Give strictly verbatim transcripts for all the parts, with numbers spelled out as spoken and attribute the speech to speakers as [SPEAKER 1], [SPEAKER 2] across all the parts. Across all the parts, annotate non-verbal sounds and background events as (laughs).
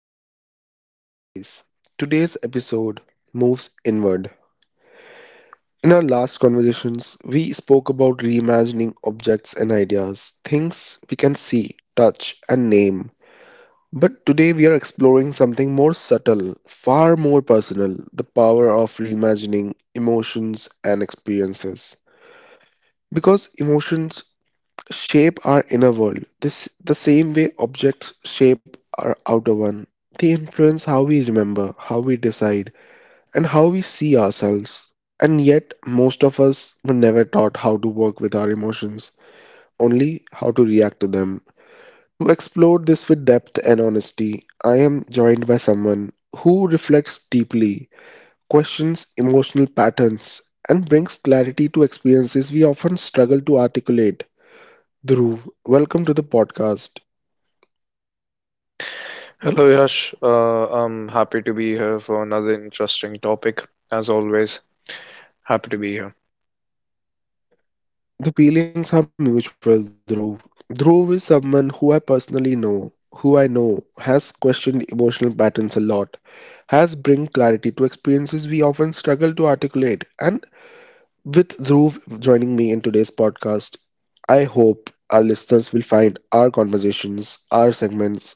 [SPEAKER 1] podcast, guys. Today's episode moves inward. In our last conversations, we spoke about reimagining objects and ideas, things we can see, touch, and name. But today we are exploring something more subtle, far more personal, the power of reimagining emotions and experiences. Because emotions shape our inner world, this the same way objects shape our outer one. They influence how we remember, how we decide, and how we see ourselves. And yet, most of us were never taught how to work with our emotions, only how to react to them. To explore this with depth and honesty, I am joined by someone who reflects deeply, questions emotional patterns, and brings clarity to experiences we often struggle to articulate. Dhruv, welcome to the podcast.
[SPEAKER 2] Hello, Yash. Uh, I'm happy to be here for another interesting topic. As always, happy to be here.
[SPEAKER 1] The feelings are mutual, Dhruv. Dhruv is someone who I personally know, who I know has questioned emotional patterns a lot, has bring clarity to experiences we often struggle to articulate. And with Dhruv joining me in today's podcast, I hope our listeners will find our conversations, our segments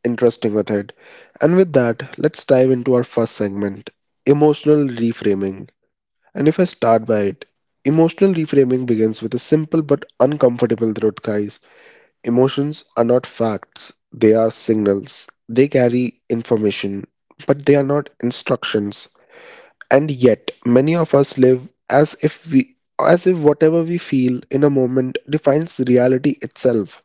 [SPEAKER 1] interesting with it. And with that, let's dive into our first segment, emotional reframing. And if I start by it, emotional reframing begins with a simple but uncomfortable truth, guys. Emotions are not facts, they are signals. They carry information, but they are not instructions. And yet, many of us live as if we as if whatever we feel in a moment defines reality itself.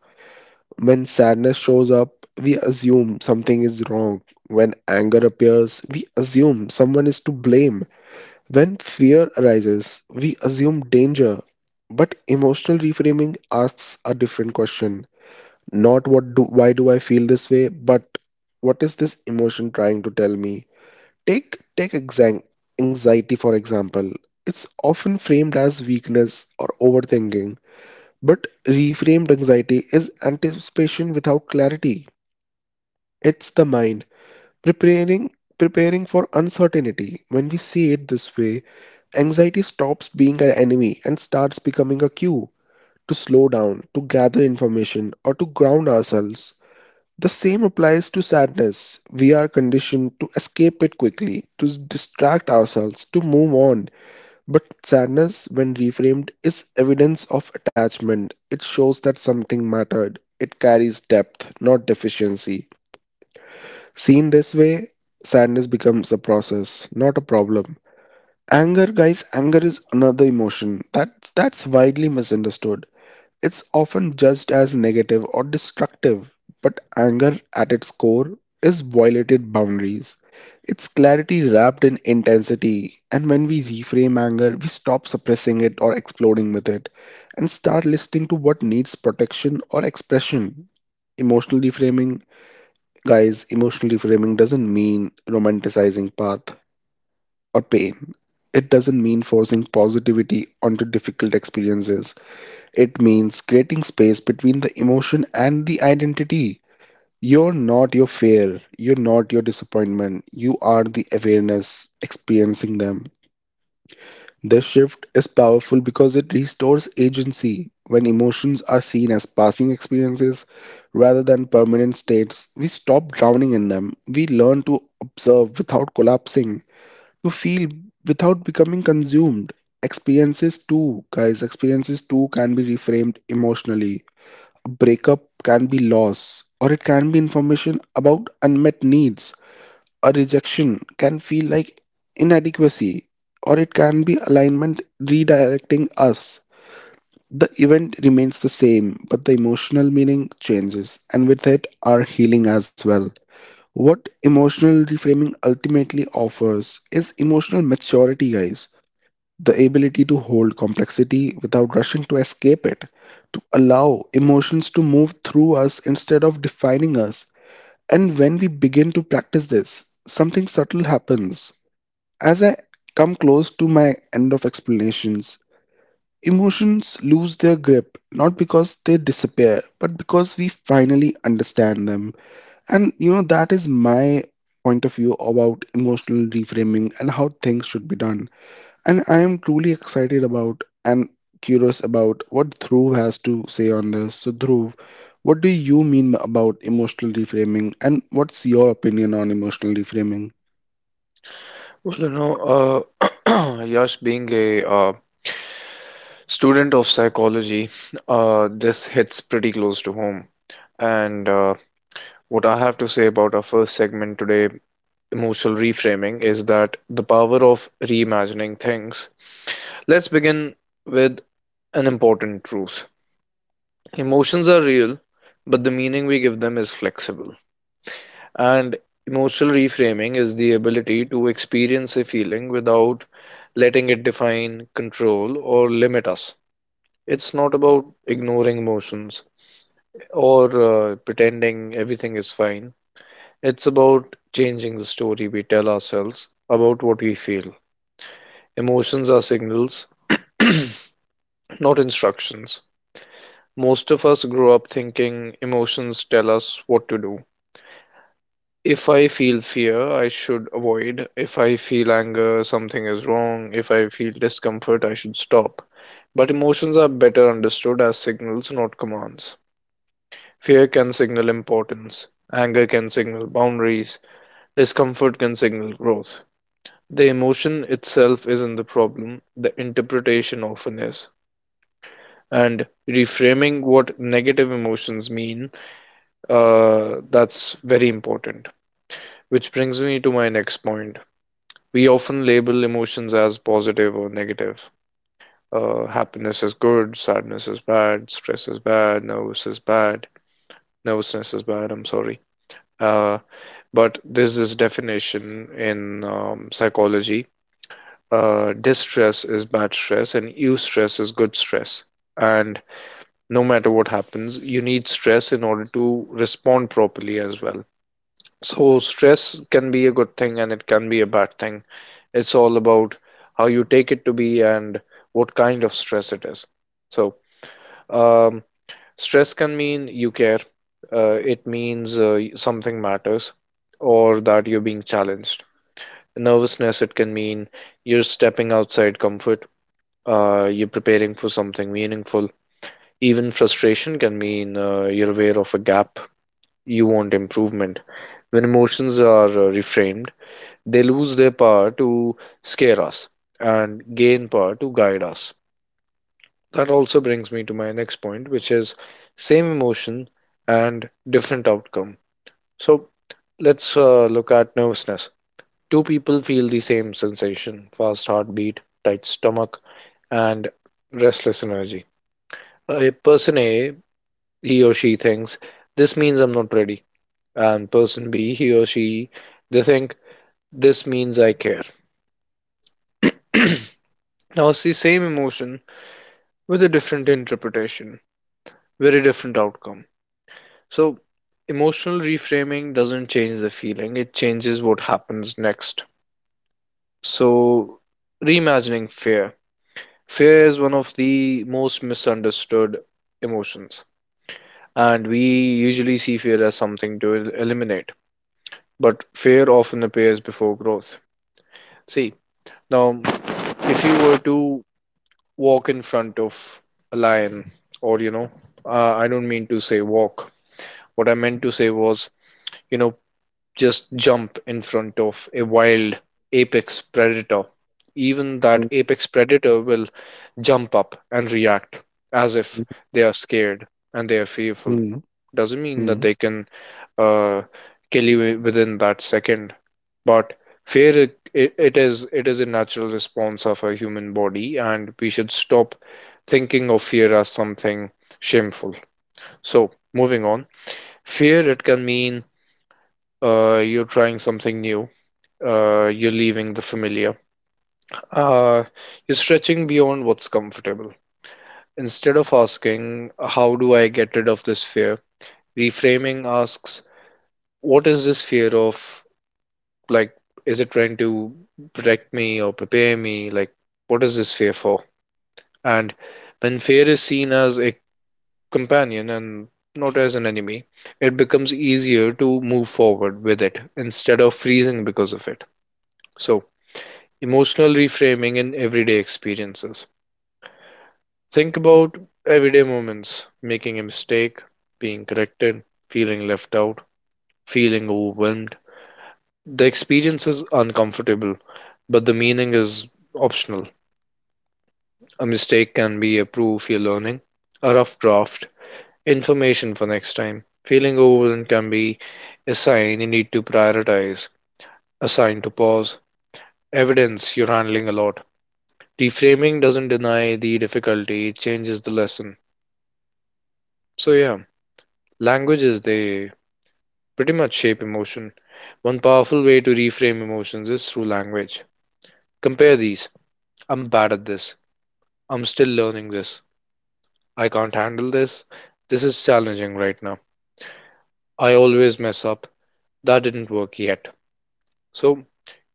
[SPEAKER 1] When sadness shows up, we assume something is wrong. When anger appears, we assume someone is to blame. When fear arises, we assume danger, but emotional reframing asks a different question. Not what do Why do I feel this way, but what is this emotion trying to tell me? Take take exam- Anxiety, for example. It's often framed as weakness or overthinking, but reframed, anxiety is anticipation without clarity. It's the mind Preparing preparing for uncertainty. When we see it this way, anxiety stops being an enemy and starts becoming a cue to slow down, to gather information, or to ground ourselves. The same applies to sadness. We are conditioned to escape it quickly, to distract ourselves, to move on. But sadness, when reframed, is evidence of attachment. It shows that something mattered. It carries depth, not deficiency. Seen this way, sadness becomes a process, not a problem. Anger, guys, anger is another emotion that that's widely misunderstood. It's often judged as negative or destructive, but anger at its core is violated boundaries. It's clarity wrapped in intensity, and when we reframe anger, we stop suppressing it or exploding with it and start listening to what needs protection or expression. Emotional reframing Guys, emotional reframing doesn't mean romanticizing path or pain. It doesn't mean forcing positivity onto difficult experiences. It means creating space between the emotion and the identity. You're not your fear, you're not your disappointment, you are the awareness experiencing them. This shift is powerful because it restores agency. When emotions are seen as passing experiences rather than permanent states, we stop drowning in them. We learn to observe without collapsing, to feel without becoming consumed. Experiences, too, guys, experiences too can be reframed emotionally. A breakup can be loss, or it can be information about unmet needs. A rejection can feel like inadequacy, or it can be alignment redirecting us. The event remains the same, but the emotional meaning changes, and with it, our healing as well. What emotional reframing ultimately offers is emotional maturity, guys. The ability to hold complexity without rushing to escape it, to allow emotions to move through us instead of defining us. And when we begin to practice this, something subtle happens. As I come close to my end of explanations, emotions lose their grip, not because they disappear, but because we finally understand them. And you know, that is my point of view about emotional reframing and how things should be done. And I am truly excited about and curious about what Dhruv has to say on this. So, Dhruv, what do you mean about emotional reframing, and what's your opinion on emotional reframing?
[SPEAKER 2] Well, you know, uh, (clears throat) Yash, being a uh, student of psychology, uh, this hits pretty close to home. And uh, what I have to say about our first segment today, emotional reframing, is that the power of reimagining things. Let's begin with an important truth. Emotions are real, but the meaning we give them is flexible. And emotional reframing is the ability to experience a feeling without letting it define, control, or limit us. It's not about ignoring emotions or uh, pretending everything is fine. It's about changing the story we tell ourselves about what we feel. Emotions are signals, (clears throat) not instructions. Most of us grow up thinking emotions tell us what to do. If I feel fear, I should avoid. If I feel anger, something is wrong. If I feel discomfort, I should stop. But emotions are better understood as signals, not commands. Fear can signal importance. Anger can signal boundaries. Discomfort can signal growth. The emotion itself isn't the problem, the interpretation often is. And reframing what negative emotions mean, uh, that's very important. Which brings me to my next point. We often label emotions as positive or negative. Uh, happiness is good, sadness is bad, stress is bad, nervous is bad, nervousness is bad, I'm sorry. Uh, but there's this definition in um, psychology, uh, distress is bad stress, and eustress is good stress. And no matter what happens, you need stress in order to respond properly as well. So stress can be a good thing and it can be a bad thing. It's all about how you take it to be and what kind of stress it is. So, um, stress can mean you care. Uh, it means uh, y- something matters or that you're being challenged. Nervousness, it can mean you're stepping outside comfort. Uh, you're preparing for something meaningful. Even frustration can mean uh, you're aware of a gap. You want improvement. When emotions are uh, reframed, they lose their power to scare us and gain power to guide us. That also brings me to my next point, which is same emotion and different outcome. So let's uh, look at nervousness. Two people feel the same sensation: fast heartbeat, tight stomach, and restless energy. A person A, he or she thinks, this means I'm not ready. And person B, he or she, they think, this means I care. (clears throat) Now, it's the same emotion with a different interpretation, very different outcome. So, emotional reframing doesn't change the feeling, it changes what happens next. So, reimagining fear. Fear is one of the most misunderstood emotions, and we usually see fear as something to el- eliminate, but fear often appears before growth. See, now if you were to walk in front of a lion, or you know, uh, I don't mean to say walk, what I meant to say was you know, just jump in front of a wild apex predator. Even that apex predator will jump up and react as
[SPEAKER 1] Hmm,
[SPEAKER 2] if they are scared and they are fearful.
[SPEAKER 1] hmm,
[SPEAKER 2] Doesn't mean
[SPEAKER 1] hmm,
[SPEAKER 2] that they can uh, kill you within that second, but fear i- it is it is a natural response of a human body, and we should stop thinking of fear as something shameful. So moving on, fear it can mean uh, you're trying something new. Uh, you're leaving the familiar. Uh, you're stretching beyond what's comfortable. Instead of asking, how do I get rid of this fear? Reframing asks, what is this fear of? Like, is it trying to protect me or prepare me? Like, what is this fear for? And when fear is seen as a companion and not as an enemy, it becomes easier to move forward with it instead of freezing because of it. So, emotional reframing in everyday experiences. Think about everyday moments: making a mistake, being corrected, feeling left out, feeling overwhelmed. The experience is uncomfortable, but the meaning is optional. A mistake can be a proof you're learning, a rough draft, information for next time. Feeling overwhelmed can be a sign you need to prioritize, a sign to pause, evidence you're handling a lot. Reframing doesn't deny the difficulty, it changes the lesson. So, yeah, languages, they pretty much shape emotion. One powerful way to reframe emotions is through language. Compare these. I'm bad at this. I'm still learning this. I can't handle this. This is challenging right now. I always mess up. That didn't work yet. So,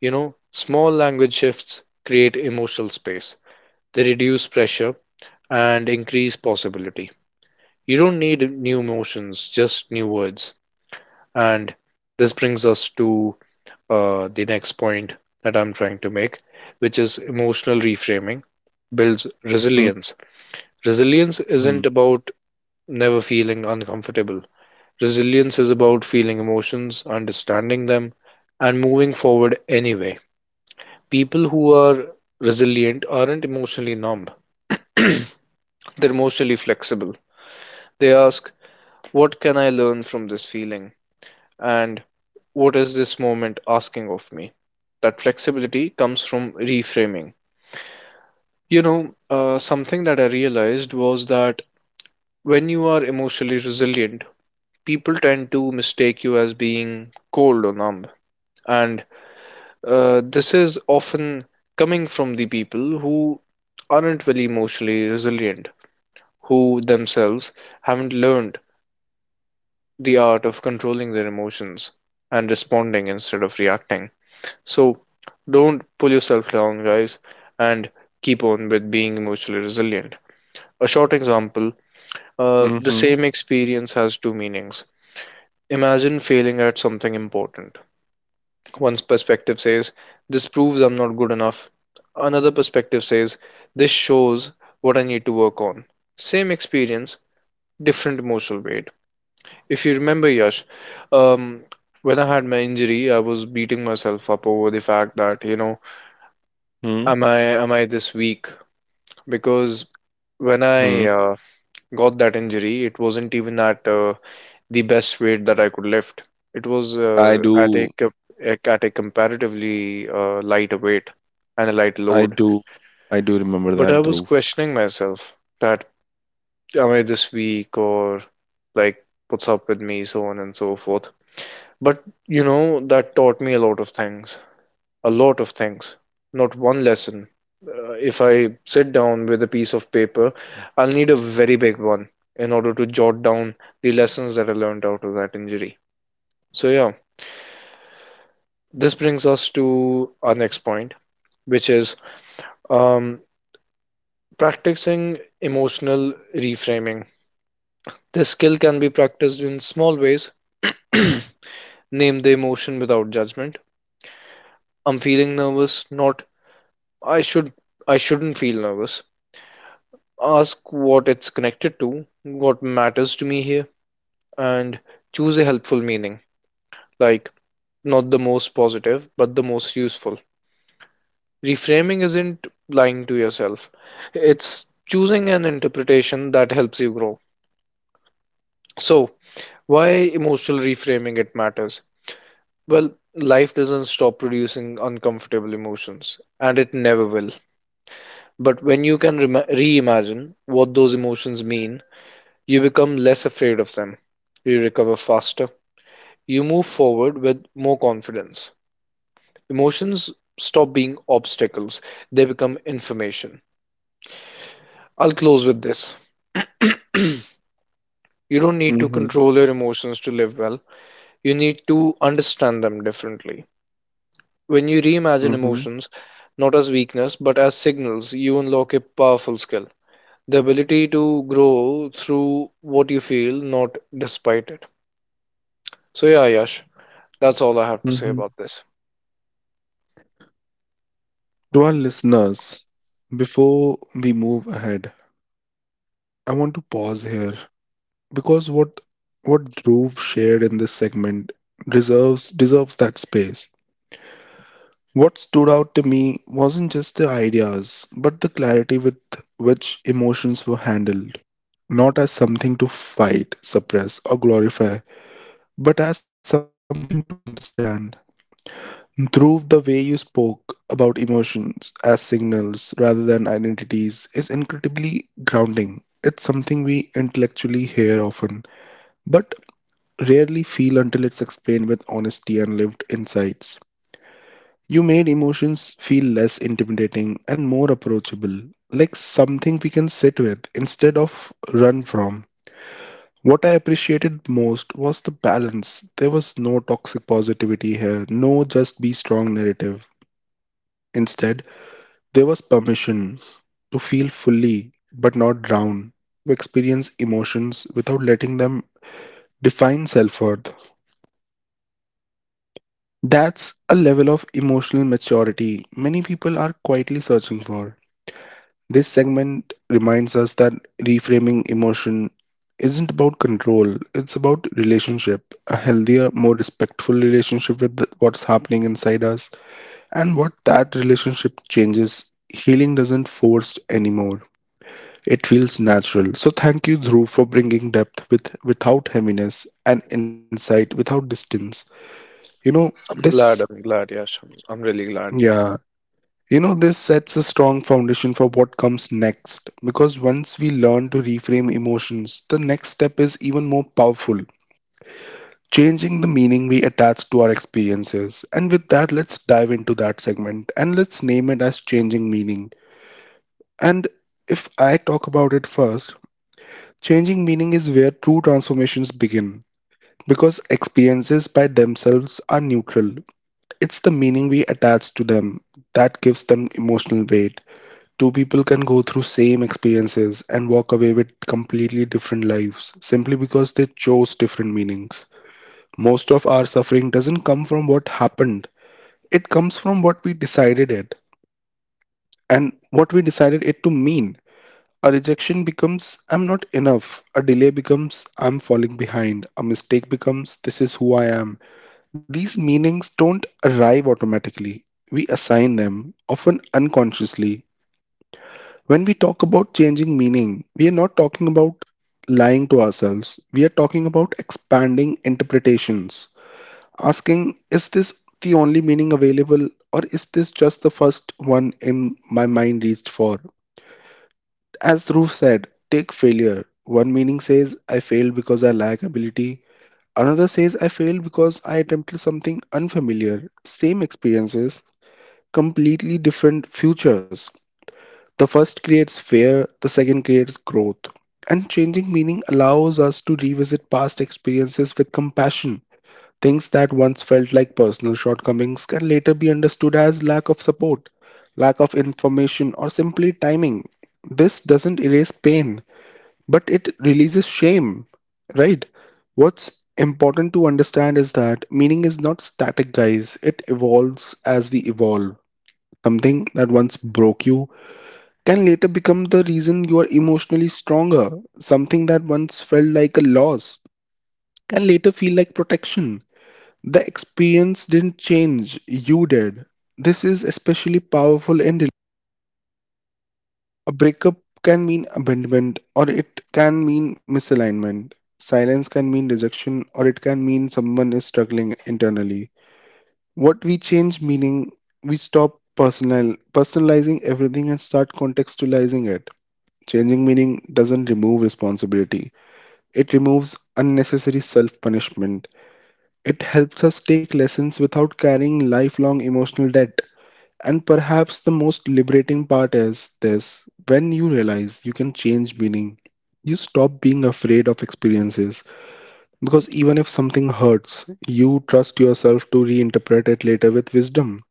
[SPEAKER 2] you know, small language shifts create emotional space. They reduce pressure and increase possibility. You don't need new emotions, just new words. And this brings us to uh, the next point that I'm trying to make, which is emotional reframing builds
[SPEAKER 1] hmm,
[SPEAKER 2] resilience. Resilience
[SPEAKER 1] hmm.
[SPEAKER 2] isn't about never feeling uncomfortable. Resilience is about feeling emotions, understanding them, and moving forward anyway. People who are resilient aren't emotionally numb, they're emotionally flexible. They ask, what can I learn from this feeling? And what is this moment asking of me? That flexibility comes from reframing. You know, uh, something that I realized was that when you are emotionally resilient, people tend to mistake you as being cold or numb. And uh, this is often coming from the people who aren't very emotionally resilient, who themselves haven't learned the art of controlling their emotions and responding instead of reacting. So don't pull yourself down, guys, and keep on with being emotionally resilient. A short example.
[SPEAKER 1] Mhm,
[SPEAKER 2] Uh, the same experience has two meanings. Imagine failing at something important. One's perspective says, this proves I'm not good enough. Another perspective says, this shows what I need to work on. Same experience, different emotional weight. If you remember, Yash, um, when I had my injury, I was beating myself up over the fact that, you know,
[SPEAKER 1] mhm,
[SPEAKER 2] am I am I this weak? Because when
[SPEAKER 1] mhm.
[SPEAKER 2] I uh, got that injury, it wasn't even at uh, the best weight that I could lift. It was
[SPEAKER 1] I
[SPEAKER 2] uh, at a
[SPEAKER 1] do,
[SPEAKER 2] co- at a comparatively uh, light weight and a light
[SPEAKER 1] I
[SPEAKER 2] load.
[SPEAKER 1] do, I do remember
[SPEAKER 2] But I
[SPEAKER 1] that,
[SPEAKER 2] was
[SPEAKER 1] Dhruv.
[SPEAKER 2] questioning myself that am I this weak or like what's up with me, so on and so forth. But you know that taught me a lot of things, a lot of things. Not one lesson. Uh, if I sit down with a piece of paper, I'll need a very big one in order to jot down the lessons that I learned out of that injury. So yeah. This brings us to our next point, which is um, practicing emotional reframing. This skill can be practiced in small ways. (clears throat) Name the emotion without judgment. I'm feeling nervous, not I should I shouldn't feel nervous. Ask what it's connected to, what matters to me here, and choose a helpful meaning, like not the most positive, but the most useful. Reframing isn't lying to yourself, it's choosing an interpretation that helps you grow. So, why emotional reframing it matters? Well, life doesn't stop producing uncomfortable emotions, and it never will. But when you can rem- reimagine what those emotions mean, you become less afraid of them. You recover faster. You move forward with more confidence. Emotions stop being obstacles, they become information. I'll close with this. (clears throat) You don't need to
[SPEAKER 1] Mhm,
[SPEAKER 2] control your emotions to live well. You need to understand them differently. When you reimagine
[SPEAKER 1] mhm,
[SPEAKER 2] emotions, not as weakness, but as signals, you unlock a powerful skill. The ability to grow through what you feel, not despite it. So, yeah, Yash, that's all I have to say
[SPEAKER 1] mhm.
[SPEAKER 2] about this.
[SPEAKER 1] To our listeners, before we move ahead, I want to pause here because what what Dhruv shared in this segment deserves deserves that space. What stood out to me wasn't just the ideas, but the clarity with which emotions were handled, not as something to fight, suppress, or glorify, but as something to understand. Dhruv, the way you spoke about emotions as signals rather than identities is incredibly grounding. It's something we intellectually hear often, but rarely feel until it's explained with honesty and lived insights. You made emotions feel less intimidating and more approachable, like something we can sit with instead of run from. What I appreciated most was the balance. There was no toxic positivity here, no just be strong narrative. Instead, there was permission to feel fully but not drown, to experience emotions without letting them define self worth. That's a level of emotional maturity many people are quietly searching for. This segment reminds us that reframing emotion isn't about control, it's about relationship, a healthier, more respectful relationship with the- what's happening inside us and what that relationship changes. Healing doesn't force anymore. It feels natural. So thank you, Dhruv, for bringing depth with without heaviness and insight without distance. You know
[SPEAKER 2] I'm
[SPEAKER 1] this,
[SPEAKER 2] glad, I'm glad, Yash. I'm, I'm really glad.
[SPEAKER 1] yeah. You know this sets a strong foundation for what comes next, because once we learn to reframe emotions, the next step is even more powerful, changing the meaning we attach to our experiences. And with that, let's dive into that segment and let's name it as changing meaning. And if I talk about it first, changing meaning is where true transformations begin. Because experiences by themselves are neutral. It's the meaning we attach to them that gives them emotional weight. Two people can go through same experiences and walk away with completely different lives simply because they chose different meanings. Most of our suffering doesn't come from what happened. It comes from what we decided it and what we decided it to mean. A rejection becomes I'm not enough. A delay becomes I'm falling behind. A mistake becomes this is who I am. These meanings don't arrive automatically. We assign them, often unconsciously. When we talk about changing meaning, we are not talking about lying to ourselves. We are talking about expanding interpretations, asking, is this the only meaning available, or is this just the first one in my mind reached for? As Dhruv said, take failure. One meaning says, I failed because I lack ability. Another says, I failed because I attempted something unfamiliar, same experiences, completely different futures. The first creates fear, the second creates growth. And changing meaning allows us to revisit past experiences with compassion. Things that once felt like personal shortcomings can later be understood as lack of support, lack of information, or simply timing. This doesn't erase pain, but it releases shame, right? What's important to understand is that meaning is not static, guys. It evolves as we evolve. Something that once broke you can later become the reason you are emotionally stronger. Something that once felt like a loss can later feel like protection. The experience didn't change, you did. This is especially powerful in a breakup. Can mean abandonment, or it can mean misalignment. Silence can mean rejection, or it can mean someone is struggling internally. What we change meaning, we stop personal personalizing everything and start contextualizing it. Changing meaning doesn't remove responsibility. It removes unnecessary self-punishment. It helps us take lessons without carrying lifelong emotional debt. And perhaps the most liberating part is this: when you realize you can change meaning, you stop being afraid of experiences, because even if something hurts, you trust yourself to reinterpret it later with wisdom.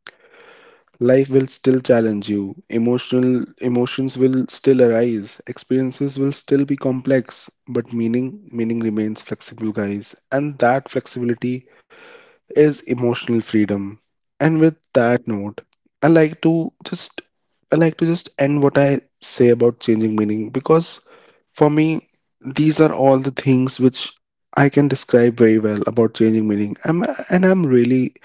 [SPEAKER 1] Life will still challenge you, emotional emotions will still arise, experiences will still be complex, but meaning meaning remains flexible, guys, and that flexibility is emotional freedom. And with that note, I like to just I like to just end what I say about changing meaning, because for me these are all the things which I can describe very well about changing meaning. I'm, and I'm really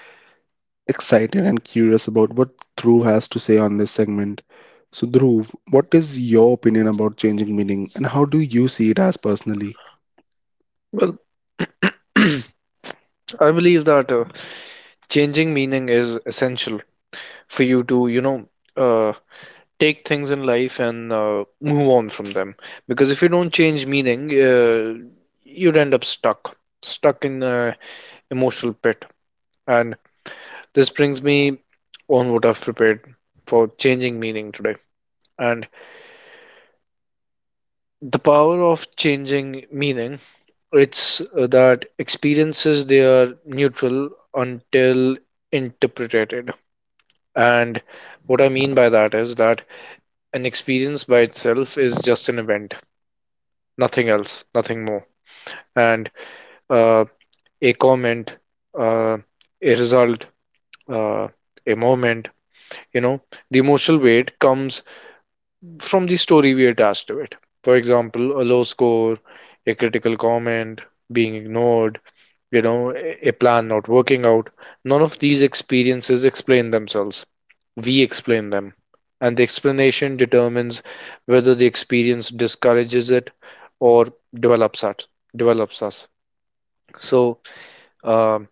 [SPEAKER 1] excited and curious about what Dhruv has to say on this segment. So Dhruv, what is your opinion about changing meaning and how do you see it as personally? (laughs)
[SPEAKER 2] Well, (clears throat) I believe that uh, changing meaning is essential for you to, you know, uh, take things in life and uh, move on from them, because if you don't change meaning, uh, you'd end up stuck stuck in a emotional pit. And this brings me on what I've prepared for changing meaning today. And the power of changing meaning, it's uh, that experiences, they are neutral until interpreted. And what I mean by that is that an experience by itself is just an event, nothing else, nothing more. And uh, a comment, uh, a result, uh, a moment. You know, the emotional weight comes from the story we attach to it. For example, a low score, a critical comment, being ignored, you know, a plan not working out. None of these experiences explain themselves. We explain them. And the explanation determines whether the experience discourages it or develops us. Develops us. So, um,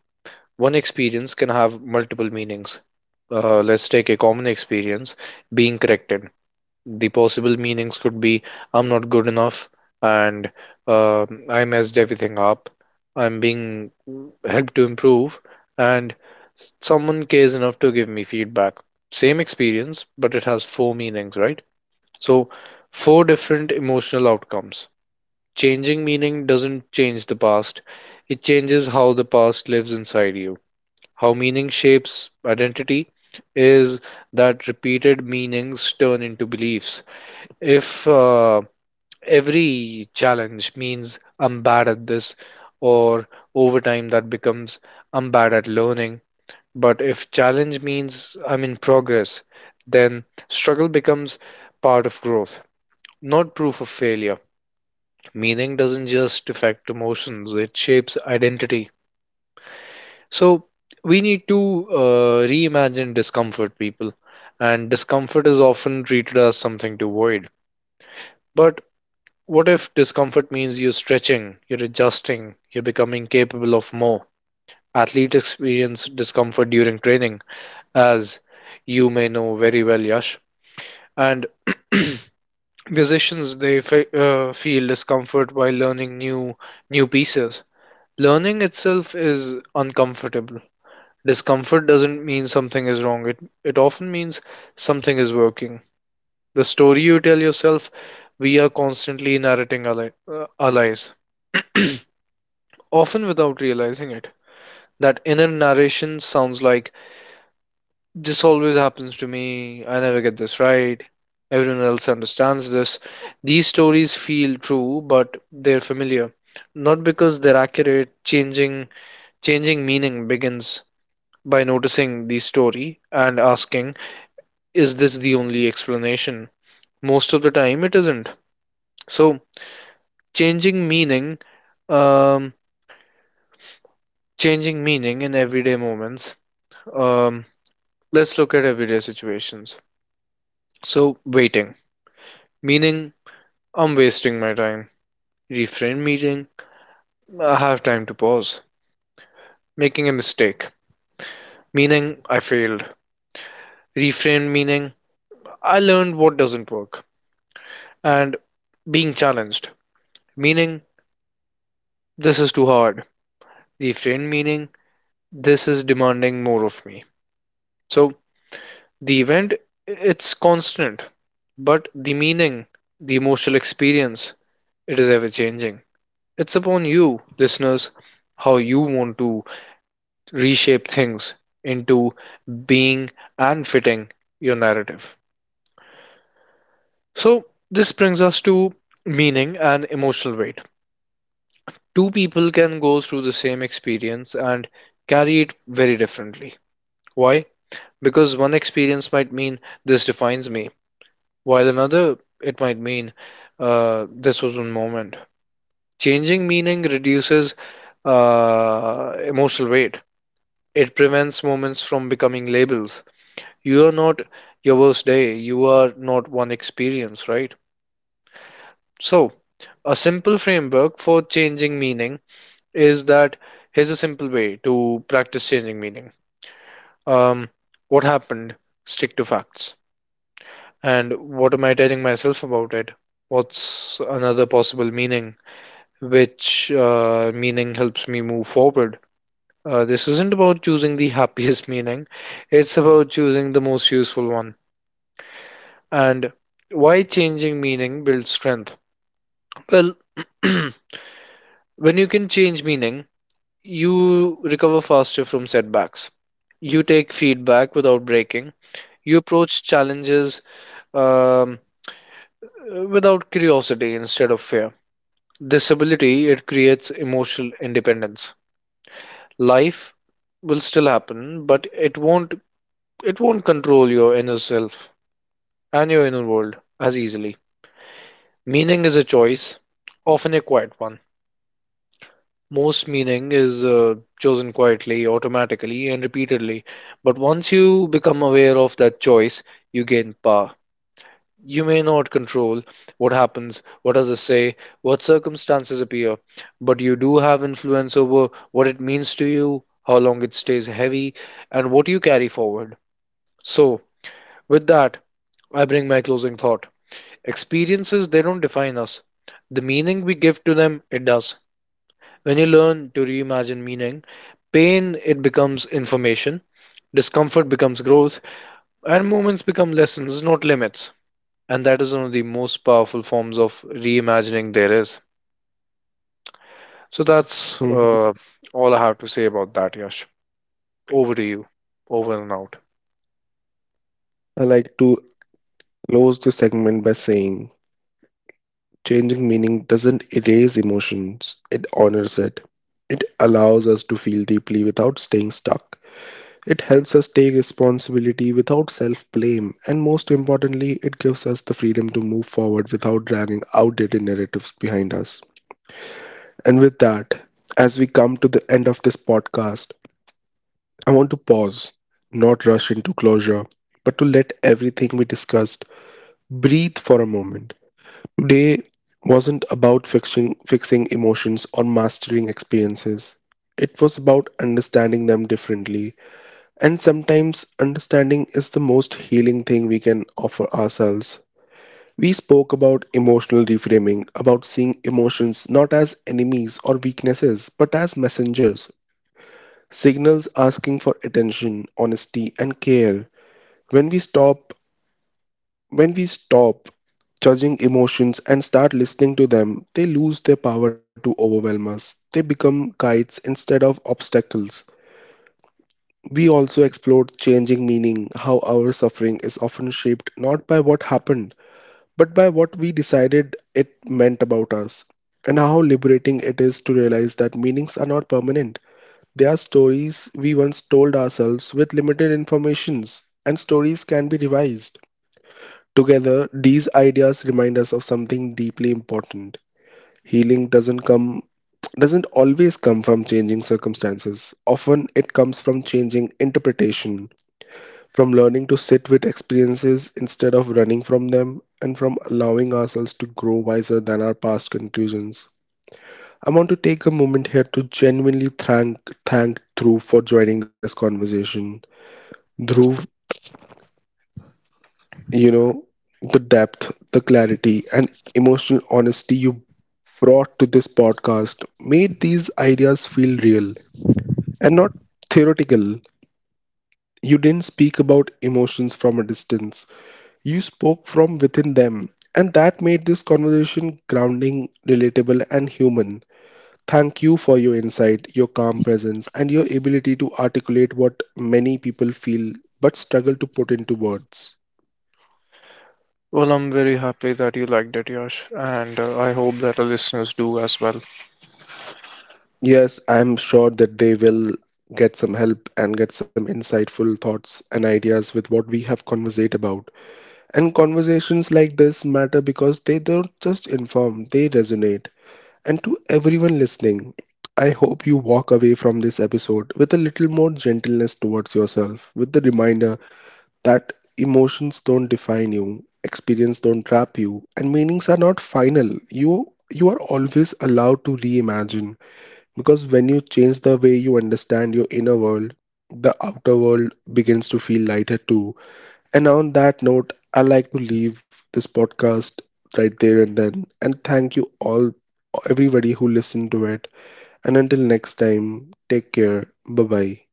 [SPEAKER 2] one experience can have multiple meanings. Uh, let's take a common experience, being corrected. The possible meanings could be: I'm not good enough, and uh, I messed everything up, I'm being helped to improve, and someone cares enough to give me feedback. Same experience, but it has four meanings, right? So, four different emotional outcomes. Changing meaning doesn't change the past, it changes how the past lives inside you. How meaning shapes identity is that repeated meanings turn into beliefs. If uh, every challenge means I'm bad at this, or over time that becomes I'm bad at learning. But if challenge means I'm in progress, then struggle becomes part of growth, not proof of failure. Meaning doesn't just affect emotions, it shapes identity. So we need to uh, reimagine discomfort, people. And discomfort is often treated as something to avoid. But what if discomfort means you're stretching, you're adjusting, you're becoming capable of more? Athletes experience discomfort during training, as you may know very well, Yash. And (clears throat) musicians they fe- uh, feel discomfort while learning new new pieces. Learning itself is uncomfortable. Discomfort doesn't mean something is wrong, it, it often means something is working. The story you tell yourself, we are constantly narrating our, li- uh, our lives, often without realizing it. That inner narration sounds like, "This always happens to me, I never get this right, everyone else understands this." These stories feel true, but they're familiar. Not because they're accurate. Changing changing meaning begins by noticing the story and asking, is this the only explanation? Most of the time, it isn't. So, changing meaning, um, changing meaning in everyday moments. Um, let's look at everyday situations. So, waiting, meaning I'm wasting my time. Refrain meaning I have time to pause. Making a mistake, meaning I failed. Refrain meaning I learned what doesn't work. And being challenged, meaning this is too hard. Refrain meaning this is demanding more of me. So the event, it's constant, but the meaning, the emotional experience, it is ever changing. It's upon you, listeners, how you want to reshape things into being and fitting your narrative. So this brings us to meaning and emotional weight. Two people can go through the same experience and carry it very differently. Why? Because one experience might mean this defines me, while another it might mean, uh, this was one moment. Changing meaning reduces uh, emotional weight. It prevents moments from becoming labels. You are not your worst day. You are not one experience, right? So, a simple framework for changing meaning is that, here's a simple way to practice changing meaning. Um, what happened? Stick to facts. And what am I telling myself about it? What's another possible meaning? which uh, meaning helps me move forward? Uh, this isn't about choosing the (laughs) happiest meaning, it's about choosing the most useful one. And why changing meaning builds strength? Well, (clears throat) when you can change meaning, you recover faster from setbacks. You take feedback without breaking. You approach challenges um, without curiosity instead of fear. This ability, it creates emotional independence. Life will still happen, but it won't it won't control your inner self and your inner world as easily. Meaning is a choice, often a quiet one. Most meaning is uh, chosen quietly, automatically, and repeatedly. But once you become aware of that choice, you gain power. You may not control what happens, what others say, what circumstances appear, but you do have influence over what it means to you, how long it stays heavy, and what you carry forward. So, with that, I bring my closing thought. Experiences, they don't define us. The meaning we give to them, it does. When you learn to reimagine meaning, pain, it becomes information, discomfort becomes growth, and moments become lessons, not limits. And that is one of the most powerful forms of reimagining there is. So, that's
[SPEAKER 1] Mhm.
[SPEAKER 2] uh, all I have to say about that, Yash. Over to you. Over and out.
[SPEAKER 1] I like to close the segment by saying, changing meaning doesn't erase emotions, it honors it. It allows us to feel deeply without staying stuck. It helps us take responsibility without self blame, and most importantly, it gives us the freedom to move forward without dragging outdated narratives behind us. And with that, as we come to the end of this podcast, I want to pause, not rush into closure, but to let everything we discussed breathe for a moment. Today wasn't about fixing, fixing emotions or mastering experiences. It was about understanding them differently. And sometimes understanding is the most healing thing we can offer ourselves. We spoke about emotional reframing, about seeing emotions not as enemies or weaknesses, but as messengers, signals asking for attention, honesty, and care. When we stop When we stop judging emotions and start listening to them, they lose their power to overwhelm us. They become guides instead of obstacles. We also explored changing meaning, how our suffering is often shaped not by what happened, but by what we decided it meant about us, and how liberating it is to realize that meanings are not permanent. They are stories we once told ourselves with limited informations, and stories can be revised. Together, these ideas remind us of something deeply important. Healing doesn't come doesn't always come from changing circumstances. Often it comes from changing interpretation, from learning to sit with experiences instead of running from them, and from allowing ourselves to grow wiser than our past conclusions. I want to take a moment here to genuinely thank thank Dhruv for joining this conversation. Dhruv, you know, the depth, the clarity, and emotional honesty you brought to this podcast made these ideas feel real and not theoretical. You didn't speak about emotions from a distance, you spoke from within them. And that made this conversation grounding, relatable, and human. Thank you for your insight, your calm presence, and your ability to articulate what many people feel but struggle to put into words.
[SPEAKER 2] Well, I'm very happy that you liked it, Yash, and uh, I hope that our listeners do as well.
[SPEAKER 1] Yes, I'm sure that they will get some help and get some insightful thoughts and ideas with what we have conversed about. And conversations like this matter because they don't just inform, they resonate. And to everyone listening, I hope you walk away from this episode with a little more gentleness towards yourself, with the reminder that emotions don't define you, experience don't trap you, and meanings are not final. You you are always allowed to reimagine, because when you change the way you understand your inner world, the outer world begins to feel lighter too. And on that note, I like to leave this podcast right there and then. And thank you all, everybody who listened to it. And until next time, take care. Bye bye.